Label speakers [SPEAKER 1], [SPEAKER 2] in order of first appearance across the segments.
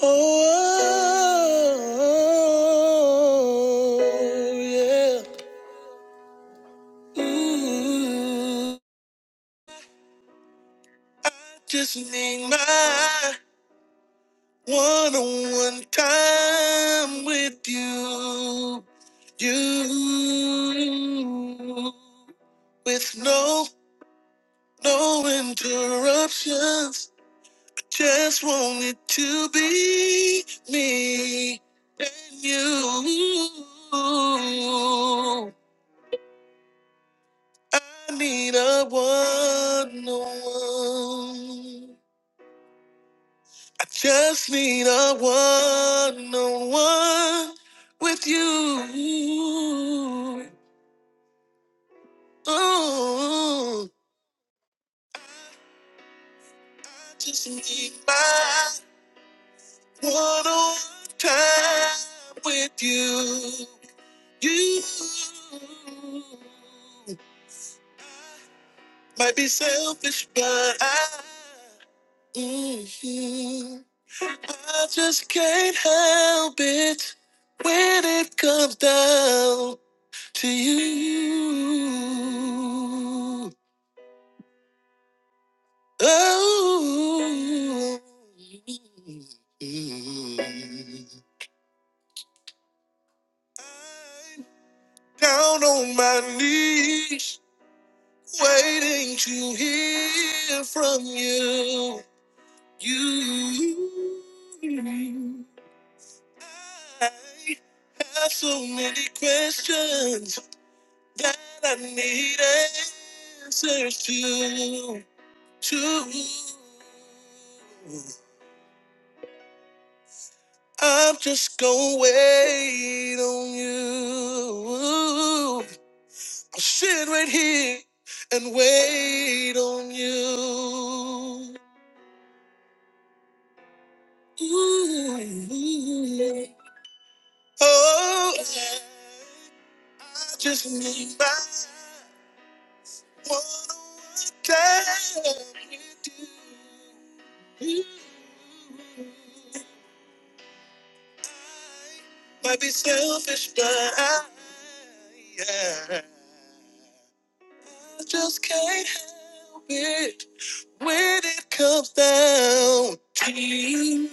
[SPEAKER 1] Oh, oh, oh, yeah. Ooh, I just need my one-on-one time with you. You with no no interruptions. I just want it to be me and you. I need a one on one. I just need a one on one with you. Oh, I just need my one on one time with you. You might be selfish, but I. mhm. I just can't help it when it comes down to you. Oh, I'm down on my knees, waiting to hear from you. You. I have so many questions. that I need answers to. To I'm just gonna wait on you. I'll sit right here and wait on you. Ooh. Oh, I just need my Might be selfish, but I, yeah, I just can't help it when it comes down to you.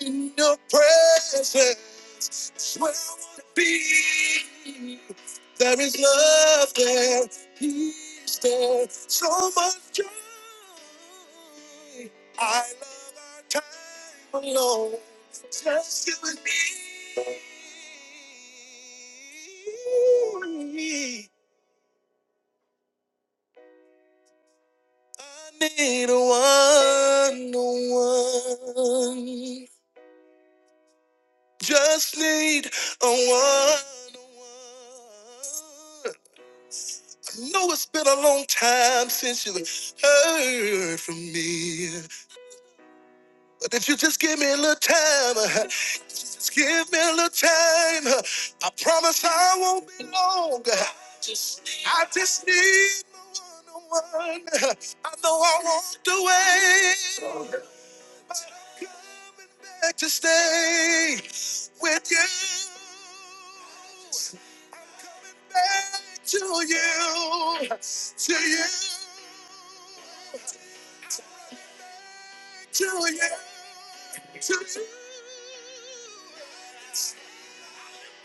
[SPEAKER 1] In your presence, where I wanna be. There is love there, peace there, so much joy. I love our time alone, just you and me. I need a one one, just need a one one. know it's been a long time since you heard from me. But if you just give me a little time, uh, just give me a little time, uh, I promise I won't be long. I just need my one-on-one. I know I won't do it coming back to stay with you. I'm coming back to you, to you, to you, to you.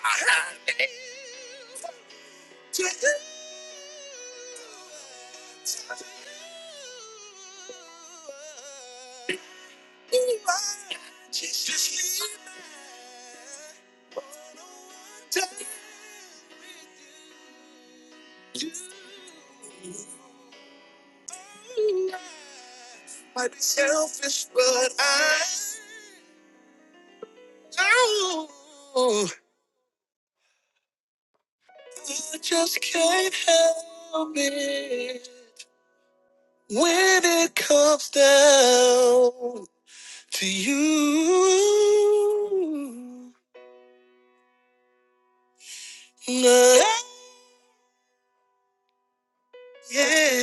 [SPEAKER 1] I need to you. to you. Might be selfish, but I oh, I just can't help it when it comes down to you. No. Yeah.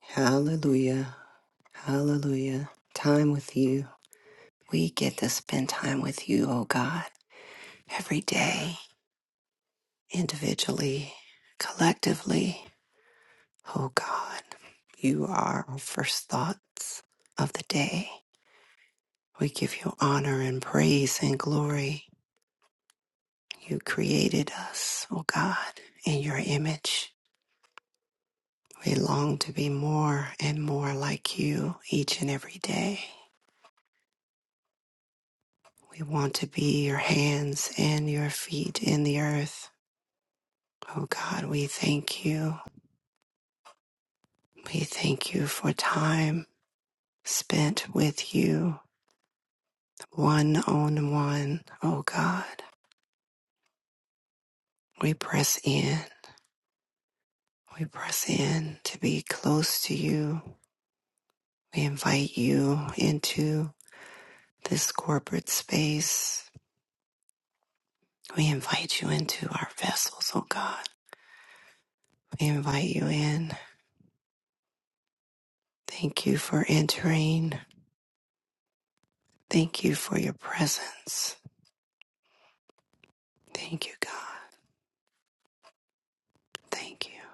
[SPEAKER 1] Hallelujah. Hallelujah. Time with you. We get to spend time with you, oh God, every day, individually, collectively. Oh God, you are our first thoughts of the day. We give you honor and praise and glory. You created us, oh God, in your image. We long to be more and more like you each and every day. We want to be your hands and your feet in the earth. Oh God, we thank you. We thank you for time spent with you, one on one. Oh God, we press in. We press in to be close to you. We invite you into this corporate space. We invite you into our vessels, oh God. We invite you in. Thank you for entering. Thank you for your presence. Thank you, God. Thank you.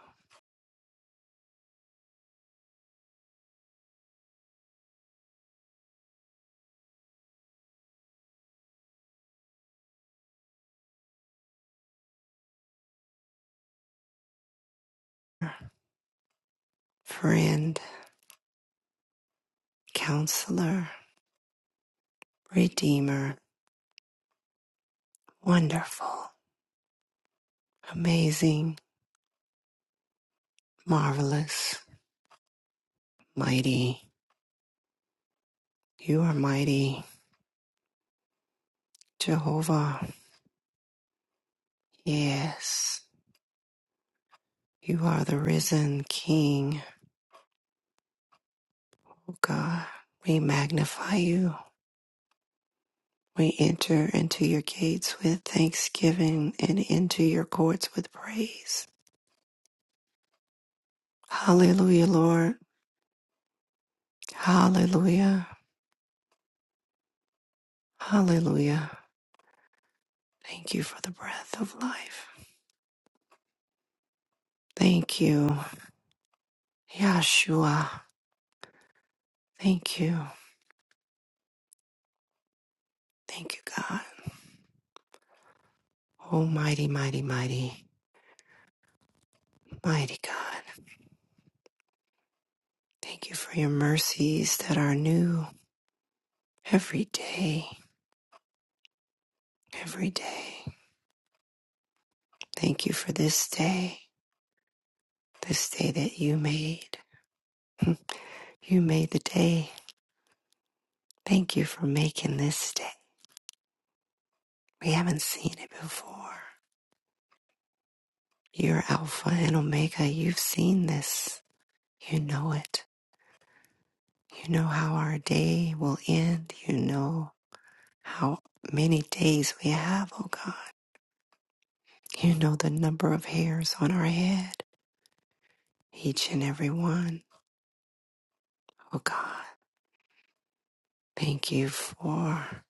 [SPEAKER 1] Friend, counselor, redeemer, wonderful, amazing, marvelous, mighty. You are mighty, Jehovah. Yes, you are the risen King. Oh God, we magnify you. We enter into your gates with thanksgiving and into your courts with praise. Hallelujah, Lord. Hallelujah. Hallelujah. Thank you for the breath of life. Thank you, Yahshua. Thank you. Thank you, God. Almighty, mighty, mighty, mighty God. Thank you for your mercies that are new every day, every day. Thank you for this day, this day that you made. You made the day. Thank you for making this day. We haven't seen it before. You're Alpha and Omega. You've seen this. You know it. You know how our day will end. You know how many days we have, oh God. You know the number of hairs on our head, each and every one, oh God. Thank you for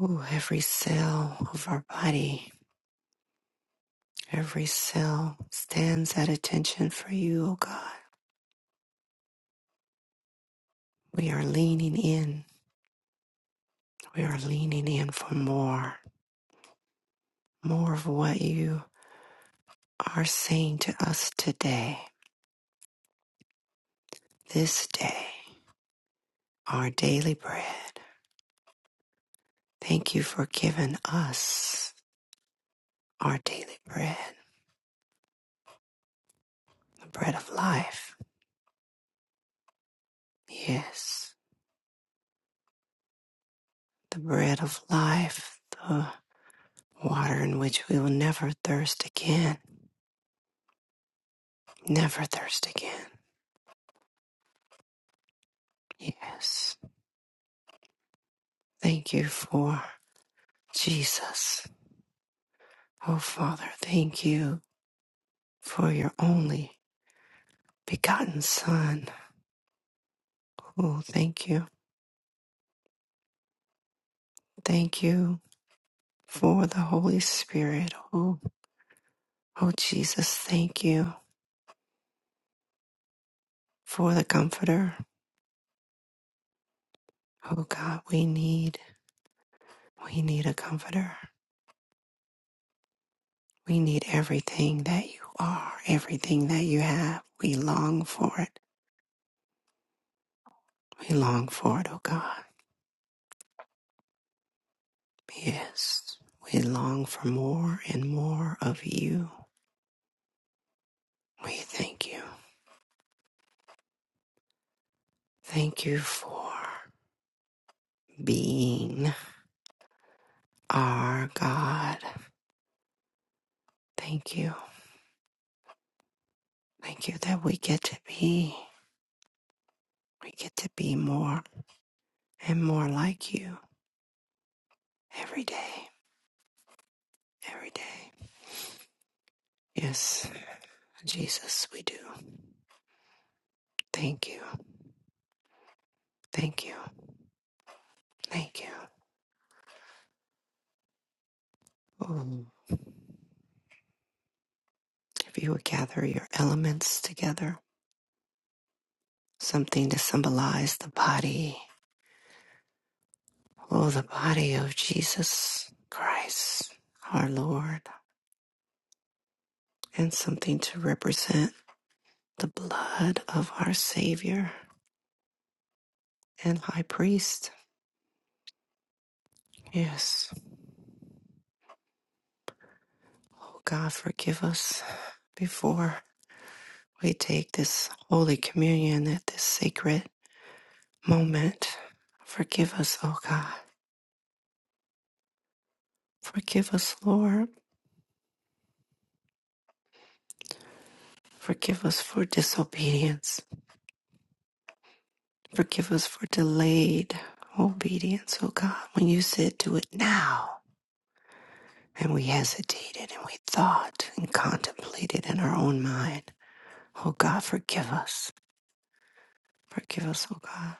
[SPEAKER 1] ooh, every cell of our body. Every cell stands at attention for you, oh God. We are leaning in. We are leaning in for more, more of what you are saying to us today, this day, our daily bread. Thank you for giving us our daily bread, the bread of life. Yes, the bread of life, the water in which we will never thirst again, never thirst again. Yes, thank you for Jesus. Oh, Father, thank you for your only begotten Son. Oh, thank you. Thank you for the Holy Spirit. Oh, oh Jesus, thank you for the Comforter. Oh God, we need we need a comforter. We need everything that you are, everything that you have. We long for it. We long for it, oh God. Yes. We long for more and more of you. We thank you. Thank you for being our God. Thank you. Thank you that we get to be. We get to be more and more like you every day. Every day. Yes, Jesus, we do. Thank you. Thank you. Thank you. Mm. If you would gather your elements together, something to symbolize the body, oh, the body of Jesus Christ, our Lord, and something to represent the blood of our Savior and High Priest. Yes. Oh, God, forgive us before we take this Holy Communion at this sacred moment. Forgive us, oh God. Forgive us, Lord. Forgive us for disobedience. Forgive us for delayed obedience, oh God. When you said do it now, and we hesitated and we thought and contemplated in our own mind, oh God, forgive us. Forgive us, oh God.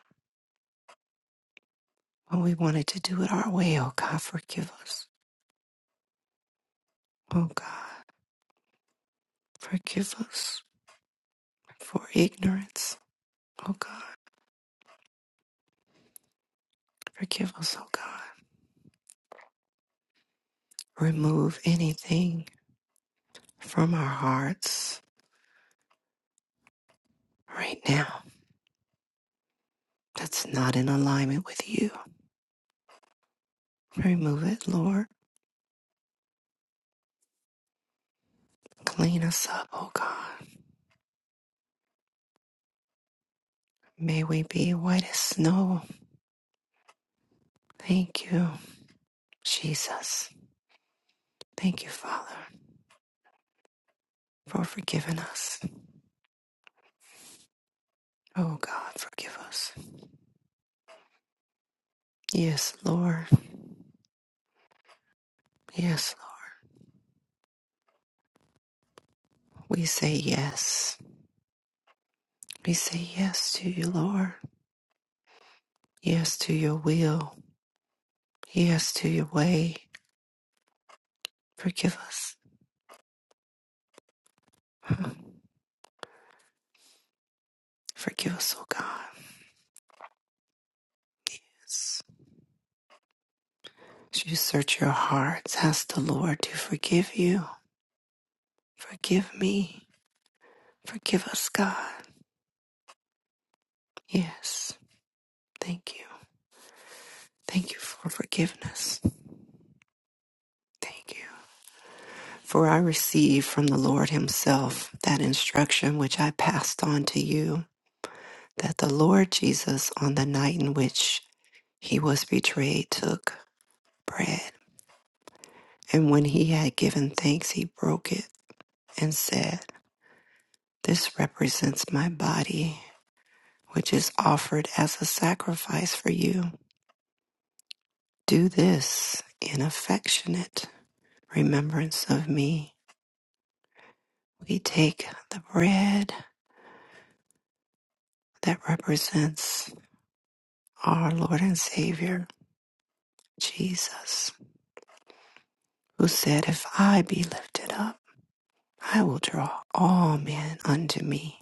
[SPEAKER 1] When we wanted to do it our way, oh God, forgive us. Oh God, forgive us for ignorance, oh God. Forgive us, oh God. Remove anything from our hearts right now that's not in alignment with you. Remove it, Lord. Clean us up, oh God. May we be white as snow. Thank you, Jesus. Thank you, Father, for forgiving us. Oh God, forgive us. Yes, Lord. Yes, Lord. We say yes. We say yes to you, Lord. Yes to your will. Yes to your way. Forgive us. Forgive us, oh God. Yes. As you search your hearts, ask the Lord to forgive you Forgive me. Forgive us, God. Yes. Thank you. Thank you for forgiveness. Thank you. For I received from the Lord Himself that instruction which I passed on to you that the Lord Jesus, on the night in which He was betrayed, took bread. And when He had given thanks, He broke it and said, This represents my body, which is offered as a sacrifice for you. Do this in affectionate remembrance of me. We take the bread that represents our Lord and Savior, Jesus, who said, If I be lifted up, I will draw all men unto me.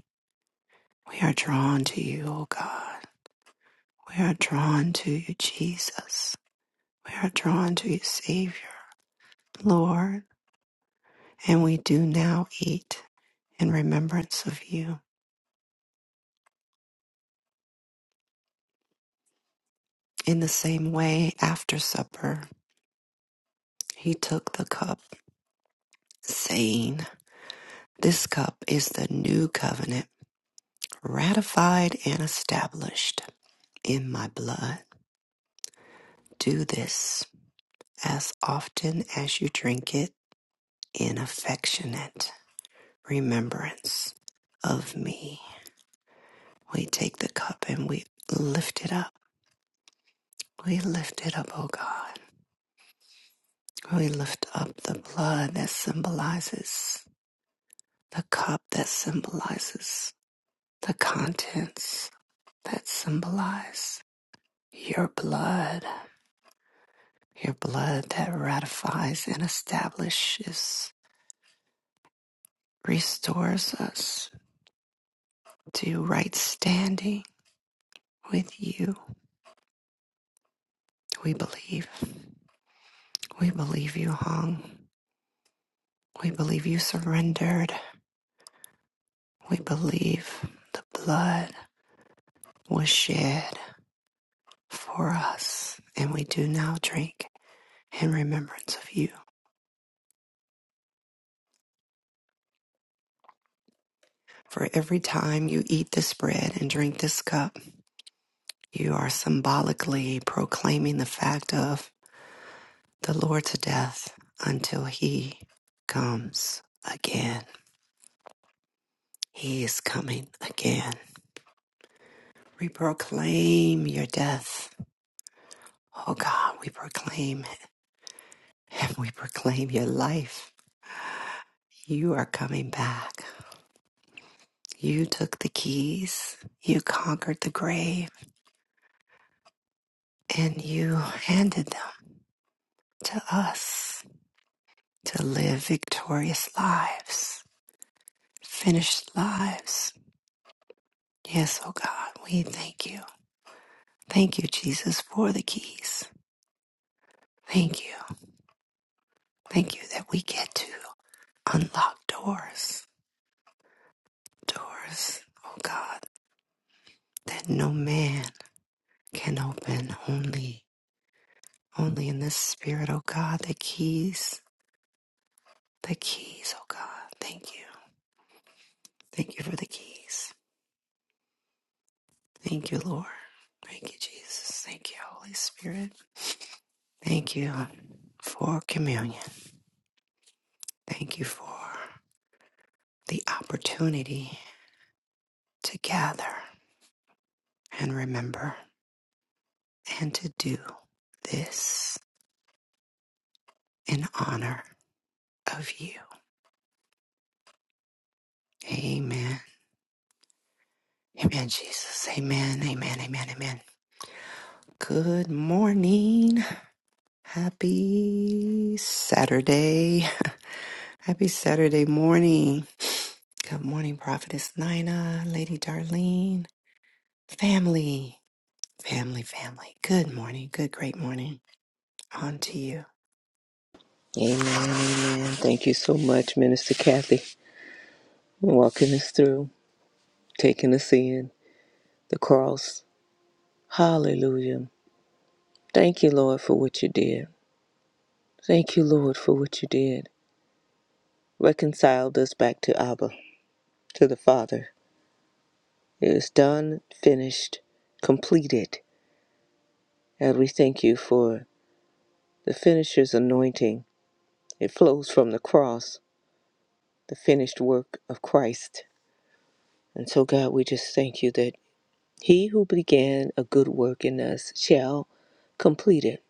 [SPEAKER 1] We are drawn to you, O God. We are drawn to you, Jesus. We are drawn to you, Savior, Lord. And we do now eat in remembrance of you. In the same way, after supper, he took the cup, saying, This cup is the new covenant, ratified and established in my blood. Do this as often as you drink it in affectionate remembrance of me. We take the cup and we lift it up. We lift it up, oh God. We lift up the blood that symbolizes the cup that symbolizes the contents that symbolize your blood Your blood that ratifies and establishes, restores us to right standing with you. We believe. We believe you hung. We believe you surrendered. We believe the blood was shed for us. And we do now drink in remembrance of you. For every time you eat this bread and drink this cup, you are symbolically proclaiming the fact of the Lord to death until he comes again. He is coming again. We proclaim your death. Oh God, we proclaim it. and we proclaim your life. You are coming back. You took the keys, you conquered the grave, and you handed them to us to live victorious lives, finished lives. Yes, oh God, we thank you. Thank you, Jesus, for the keys. Thank you. Thank you that we get to unlock doors. Doors, oh God, that no man can open. Only, only in this spirit, oh God, the keys, the keys, oh God. Thank you. Thank you for the keys. Thank you, Lord. Thank you, Jesus. Thank you, Holy Spirit. Thank you for communion. Thank you for the opportunity to gather and remember and to do this. in honor of you. Amen. Amen, Jesus. Amen. Amen. Amen. Amen. Good morning. Happy Saturday. Happy Saturday morning. Good morning, Prophetess Nina, Lady Darlene, family, family, family. Good morning. Good, great morning. On to you.
[SPEAKER 2] Amen, amen. Thank you so much, Minister Kathy, walking us through, taking us in the cross. Hallelujah. Thank you, Lord, for what you did. Thank you, Lord, for what you did. Reconciled us back to Abba, to the Father. It is done, finished, completed. And we thank you for the finisher's anointing. It flows from the cross, the finished work of Christ. And so, God, we just thank you that He who began a good work in us shall complete it,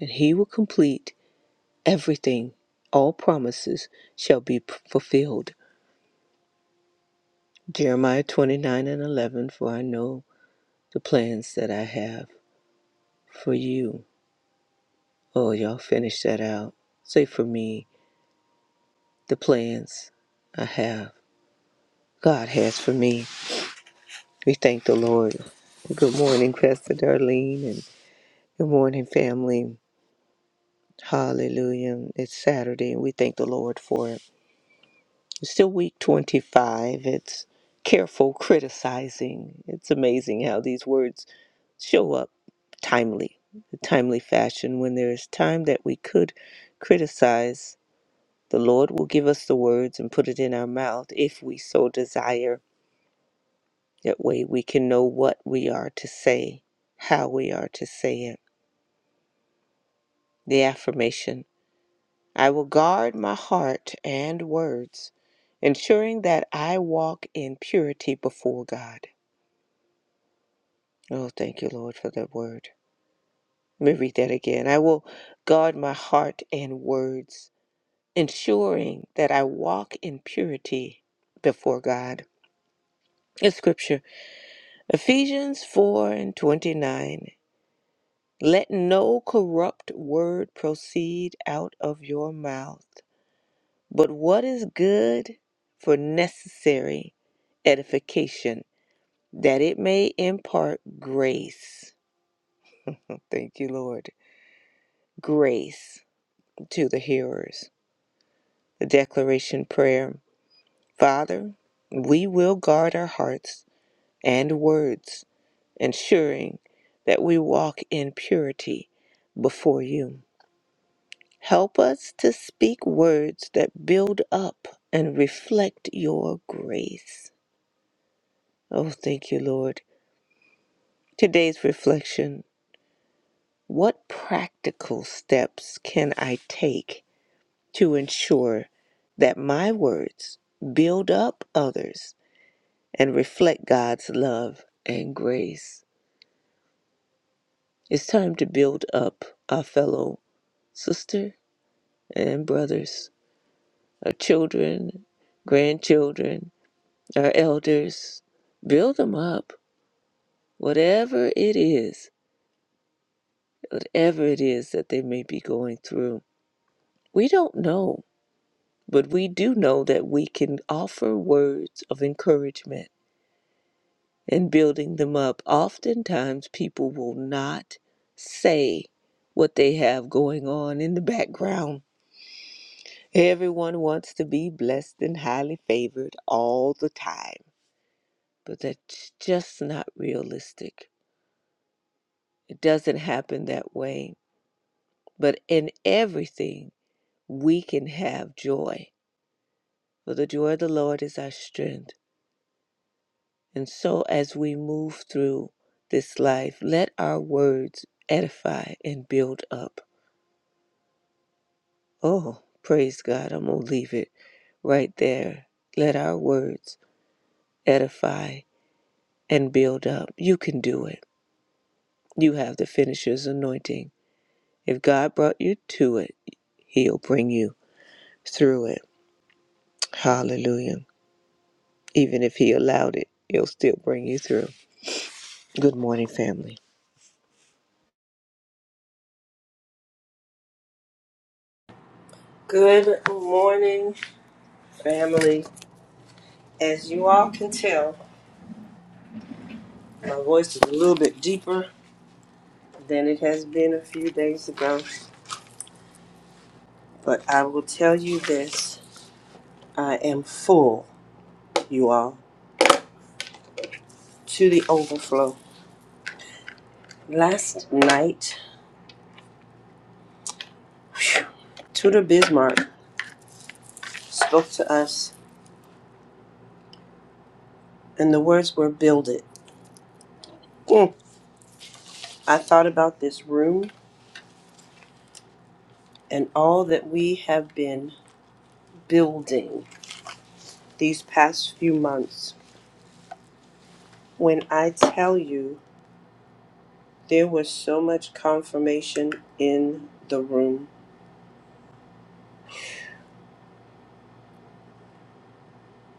[SPEAKER 2] and he will complete everything. All promises shall be p- fulfilled. Jeremiah 29 and 11, for I know the plans that I have for you. Oh, y'all finish that out. Say for me, the plans I have, God has for me. We thank the Lord. Good morning, Pastor Darlene, and good morning, family. Hallelujah. It's Saturday, and we thank the Lord for it. still week 25. It's careful criticizing. It's amazing how these words show up timely, a timely fashion. When there is time that we could criticize, the Lord will give us the words and put it in our mouth if we so desire. That way we can know what we are to say, how we are to say it. The affirmation I will guard my heart and words, ensuring that I walk in purity before God. Oh, thank you, Lord, for that word. Let me read that again. I will guard my heart and words, ensuring that I walk in purity before God. A scripture, Ephesians 4 and 29. Let no corrupt word proceed out of your mouth, but what is good for necessary edification, that it may impart grace. Thank you, Lord. Grace to the hearers. The declaration prayer Father, we will guard our hearts and words, ensuring that we walk in purity before you. Help us to speak words that build up and reflect your grace. Oh, thank you, Lord. Today's reflection What practical steps can I take to ensure that my words build up others and reflect God's love and grace. It's time to build up our fellow sister and brothers, our children, grandchildren, our elders. Build them up, whatever it is, whatever it is that they may be going through. We don't know, but we do know that we can offer words of encouragement and building them up. Oftentimes, people will not say what they have going on in the background. Everyone wants to be blessed and highly favored all the time, but that's just not realistic. It doesn't happen that way. But in everything, we can have joy, for the joy of the Lord is our strength. And so, as we move through this life, let our words edify and build up Oh, praise God. I'm going to leave it right there. Let our words edify and build up. You can do it. You have the finisher's anointing. If God brought you to it, He'll bring you through it. Hallelujah. Even if He allowed it, He'll still bring you through. Good morning, family.
[SPEAKER 3] Good morning, family. As you all can tell, my voice is a little bit deeper than it has been a few days ago, but I will tell you this I am full, you all, to the overflow. Last night, phew, Tudor Bismarck spoke to us, and the words were build it. Mm. I thought about this room and all that we have been building these past few months. When I tell you, There was so much confirmation in the room.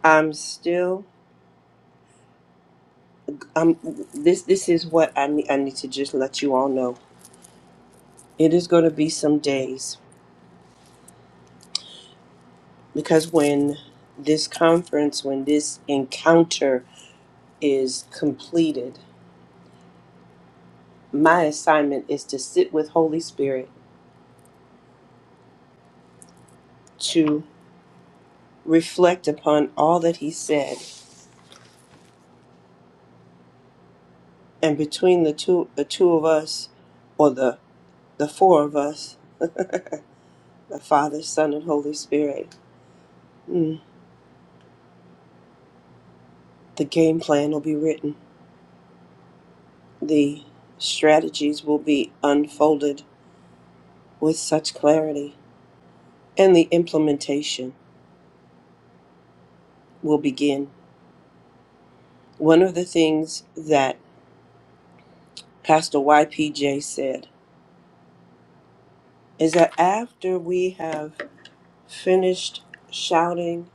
[SPEAKER 3] I'm still um this this is what I need I need to just let you all know. It is going to be some days because when this conference when this encounter is completed, my assignment is to sit with Holy Spirit to reflect upon all that he said and between the two the two of us or the the four of us, the Father, Son and Holy Spirit. mm, The game plan will be written. The strategies will be unfolded with such clarity, and the implementation will begin. One of the things that Pastor YPJ said is that after we have finished shouting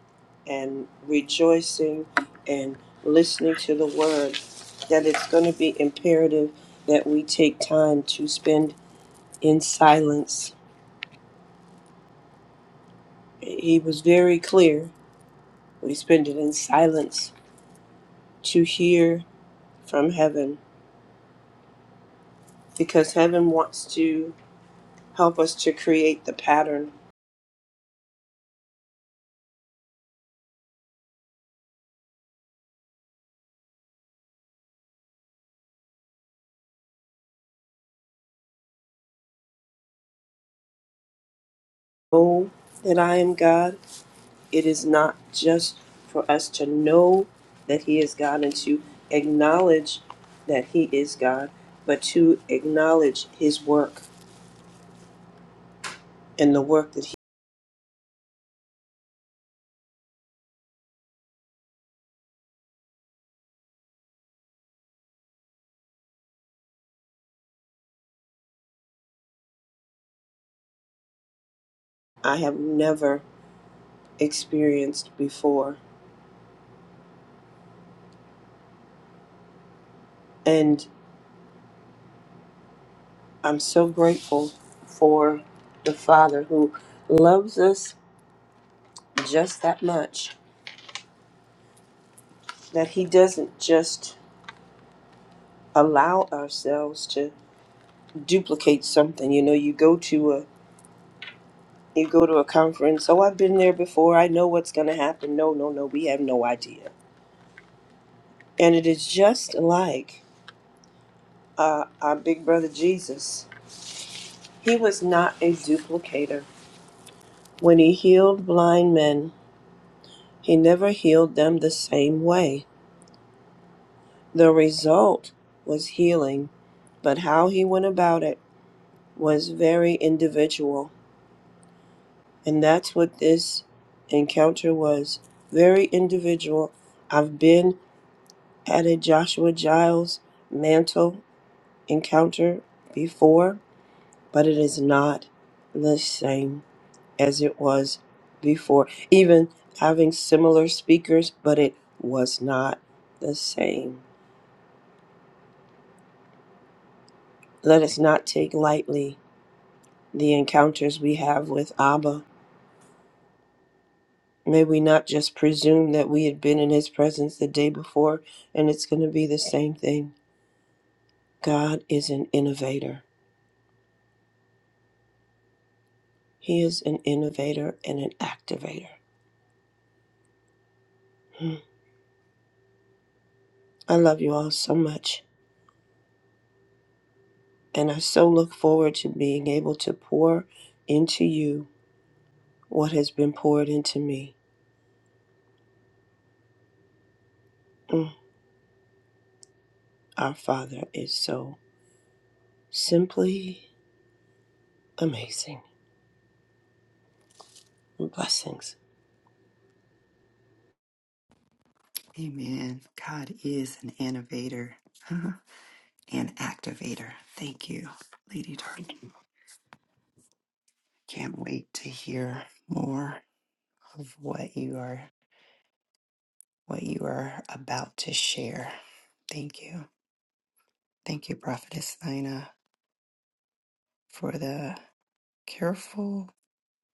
[SPEAKER 3] and rejoicing and listening to the word, that it's going to be imperative that we take time to spend in silence. He was very clear We spend it in silence to hear from heaven because heaven wants to help us to create the pattern. Know that I am God. It is not just for us to know that He is God and to acknowledge that He is God, but to acknowledge His work and the work that he, I have never experienced before. And I'm so grateful for the Father who loves us just that much that he doesn't just allow ourselves to duplicate something you know you go to a you go to a conference oh i've been there before i know what's going to happen no no no we have no idea and it is just like uh, our big brother jesus he was not a duplicator when he healed blind men he never healed them the same way the result was healing but how he went about it was very individual And that's what this encounter was very individual. I've been at a Joshua Giles mantle encounter before, but it is not the same as it was before. Even having similar speakers, but it was not the same. Let us not take lightly the encounters we have with Abba May we not just presume that we had been in his presence the day before and it's going to be the same thing. God is an innovator. He is an innovator and an activator. Hmm. I love you all so much. And I so look forward to being able to pour into you what has been poured into me. Mm. Our Father is so simply amazing. Blessings.
[SPEAKER 1] Amen. God is an innovator huh, and activator. Thank you, Lady Darlene. Can't wait to hear more. of what you are what you are about to share. Thank you. Thank you, Prophetess Nina, for the careful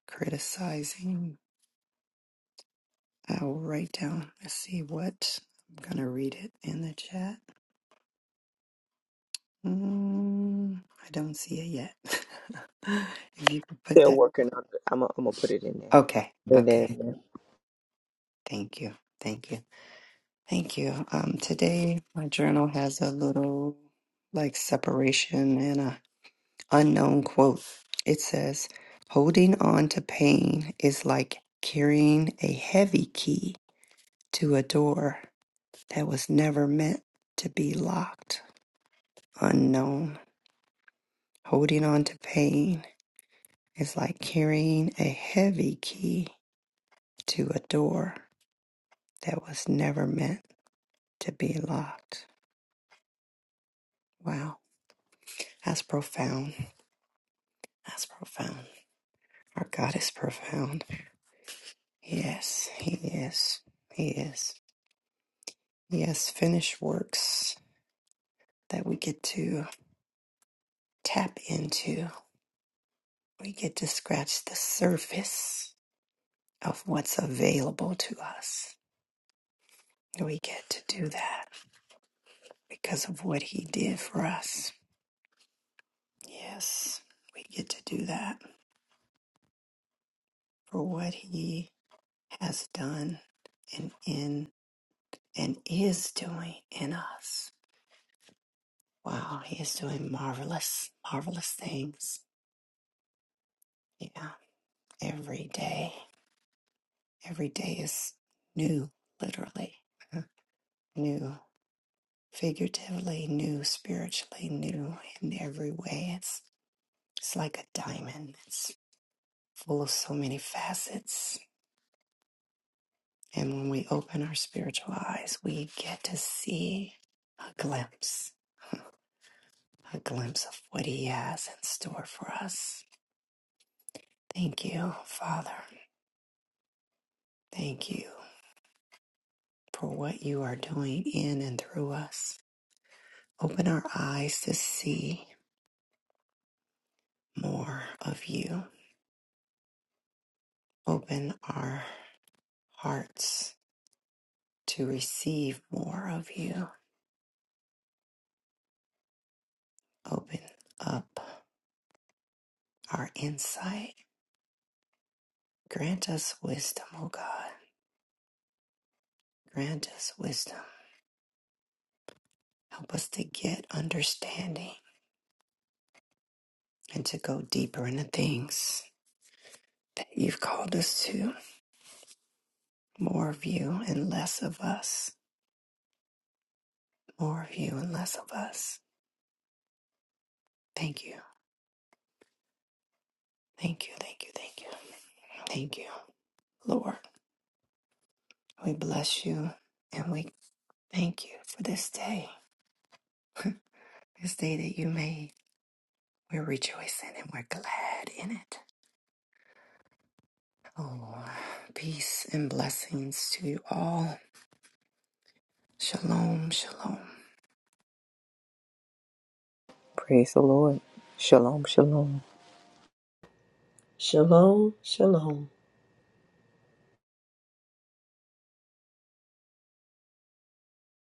[SPEAKER 1] criticizing. I will write down. Let's see what I'm gonna read it in the chat. Mm, I don't see it yet. if you could put
[SPEAKER 2] They're
[SPEAKER 1] that
[SPEAKER 2] working on it. I'm going to put it in there.
[SPEAKER 1] okay,
[SPEAKER 2] Put it
[SPEAKER 1] okay.
[SPEAKER 2] in there.
[SPEAKER 1] Thank you. Thank you. Thank you. Um today my journal has a little like separation unknown quote. It says, Holding on to pain is like carrying a heavy key to a door that was never meant to be locked. Unknown. Holding on to pain is like carrying a heavy key to a door that was never meant to be locked. Wow. That's profound. That's profound. Our God is profound. Yes, He is. He is. Yes, finished works that we get to tap into. We get to scratch the surface of what's available to us. We get to do that because of what He did for us. Yes, we get to do that for what He has done and in and is doing in us. Wow, He is doing marvelous, marvelous things. Yeah, every day. Every day is new, literally, uh, new, figuratively, new, spiritually, new in every way. It's, it's like a diamond, it's full of so many facets. And when we open our spiritual eyes, we get to see a glimpse, a glimpse of what He has in store for us. Thank you, Father. Thank you for what you are doing in and through us. Open our eyes to see more of you Open our hearts to receive more of you. Open up our insight. Grant us wisdom, O God. Grant us wisdom. Help us to get understanding and to go deeper into things that you've called us to. More of you and less of us. More of you and less of us. Thank you. Thank you. Thank you. Thank you. Thank you, Lord. We bless you and we thank you for this day. This day that you made, we're rejoicing and we're glad in it. Oh, peace and blessings to you all. Shalom, shalom.
[SPEAKER 2] Praise the Lord. Shalom, shalom.
[SPEAKER 3] Shalom, shalom.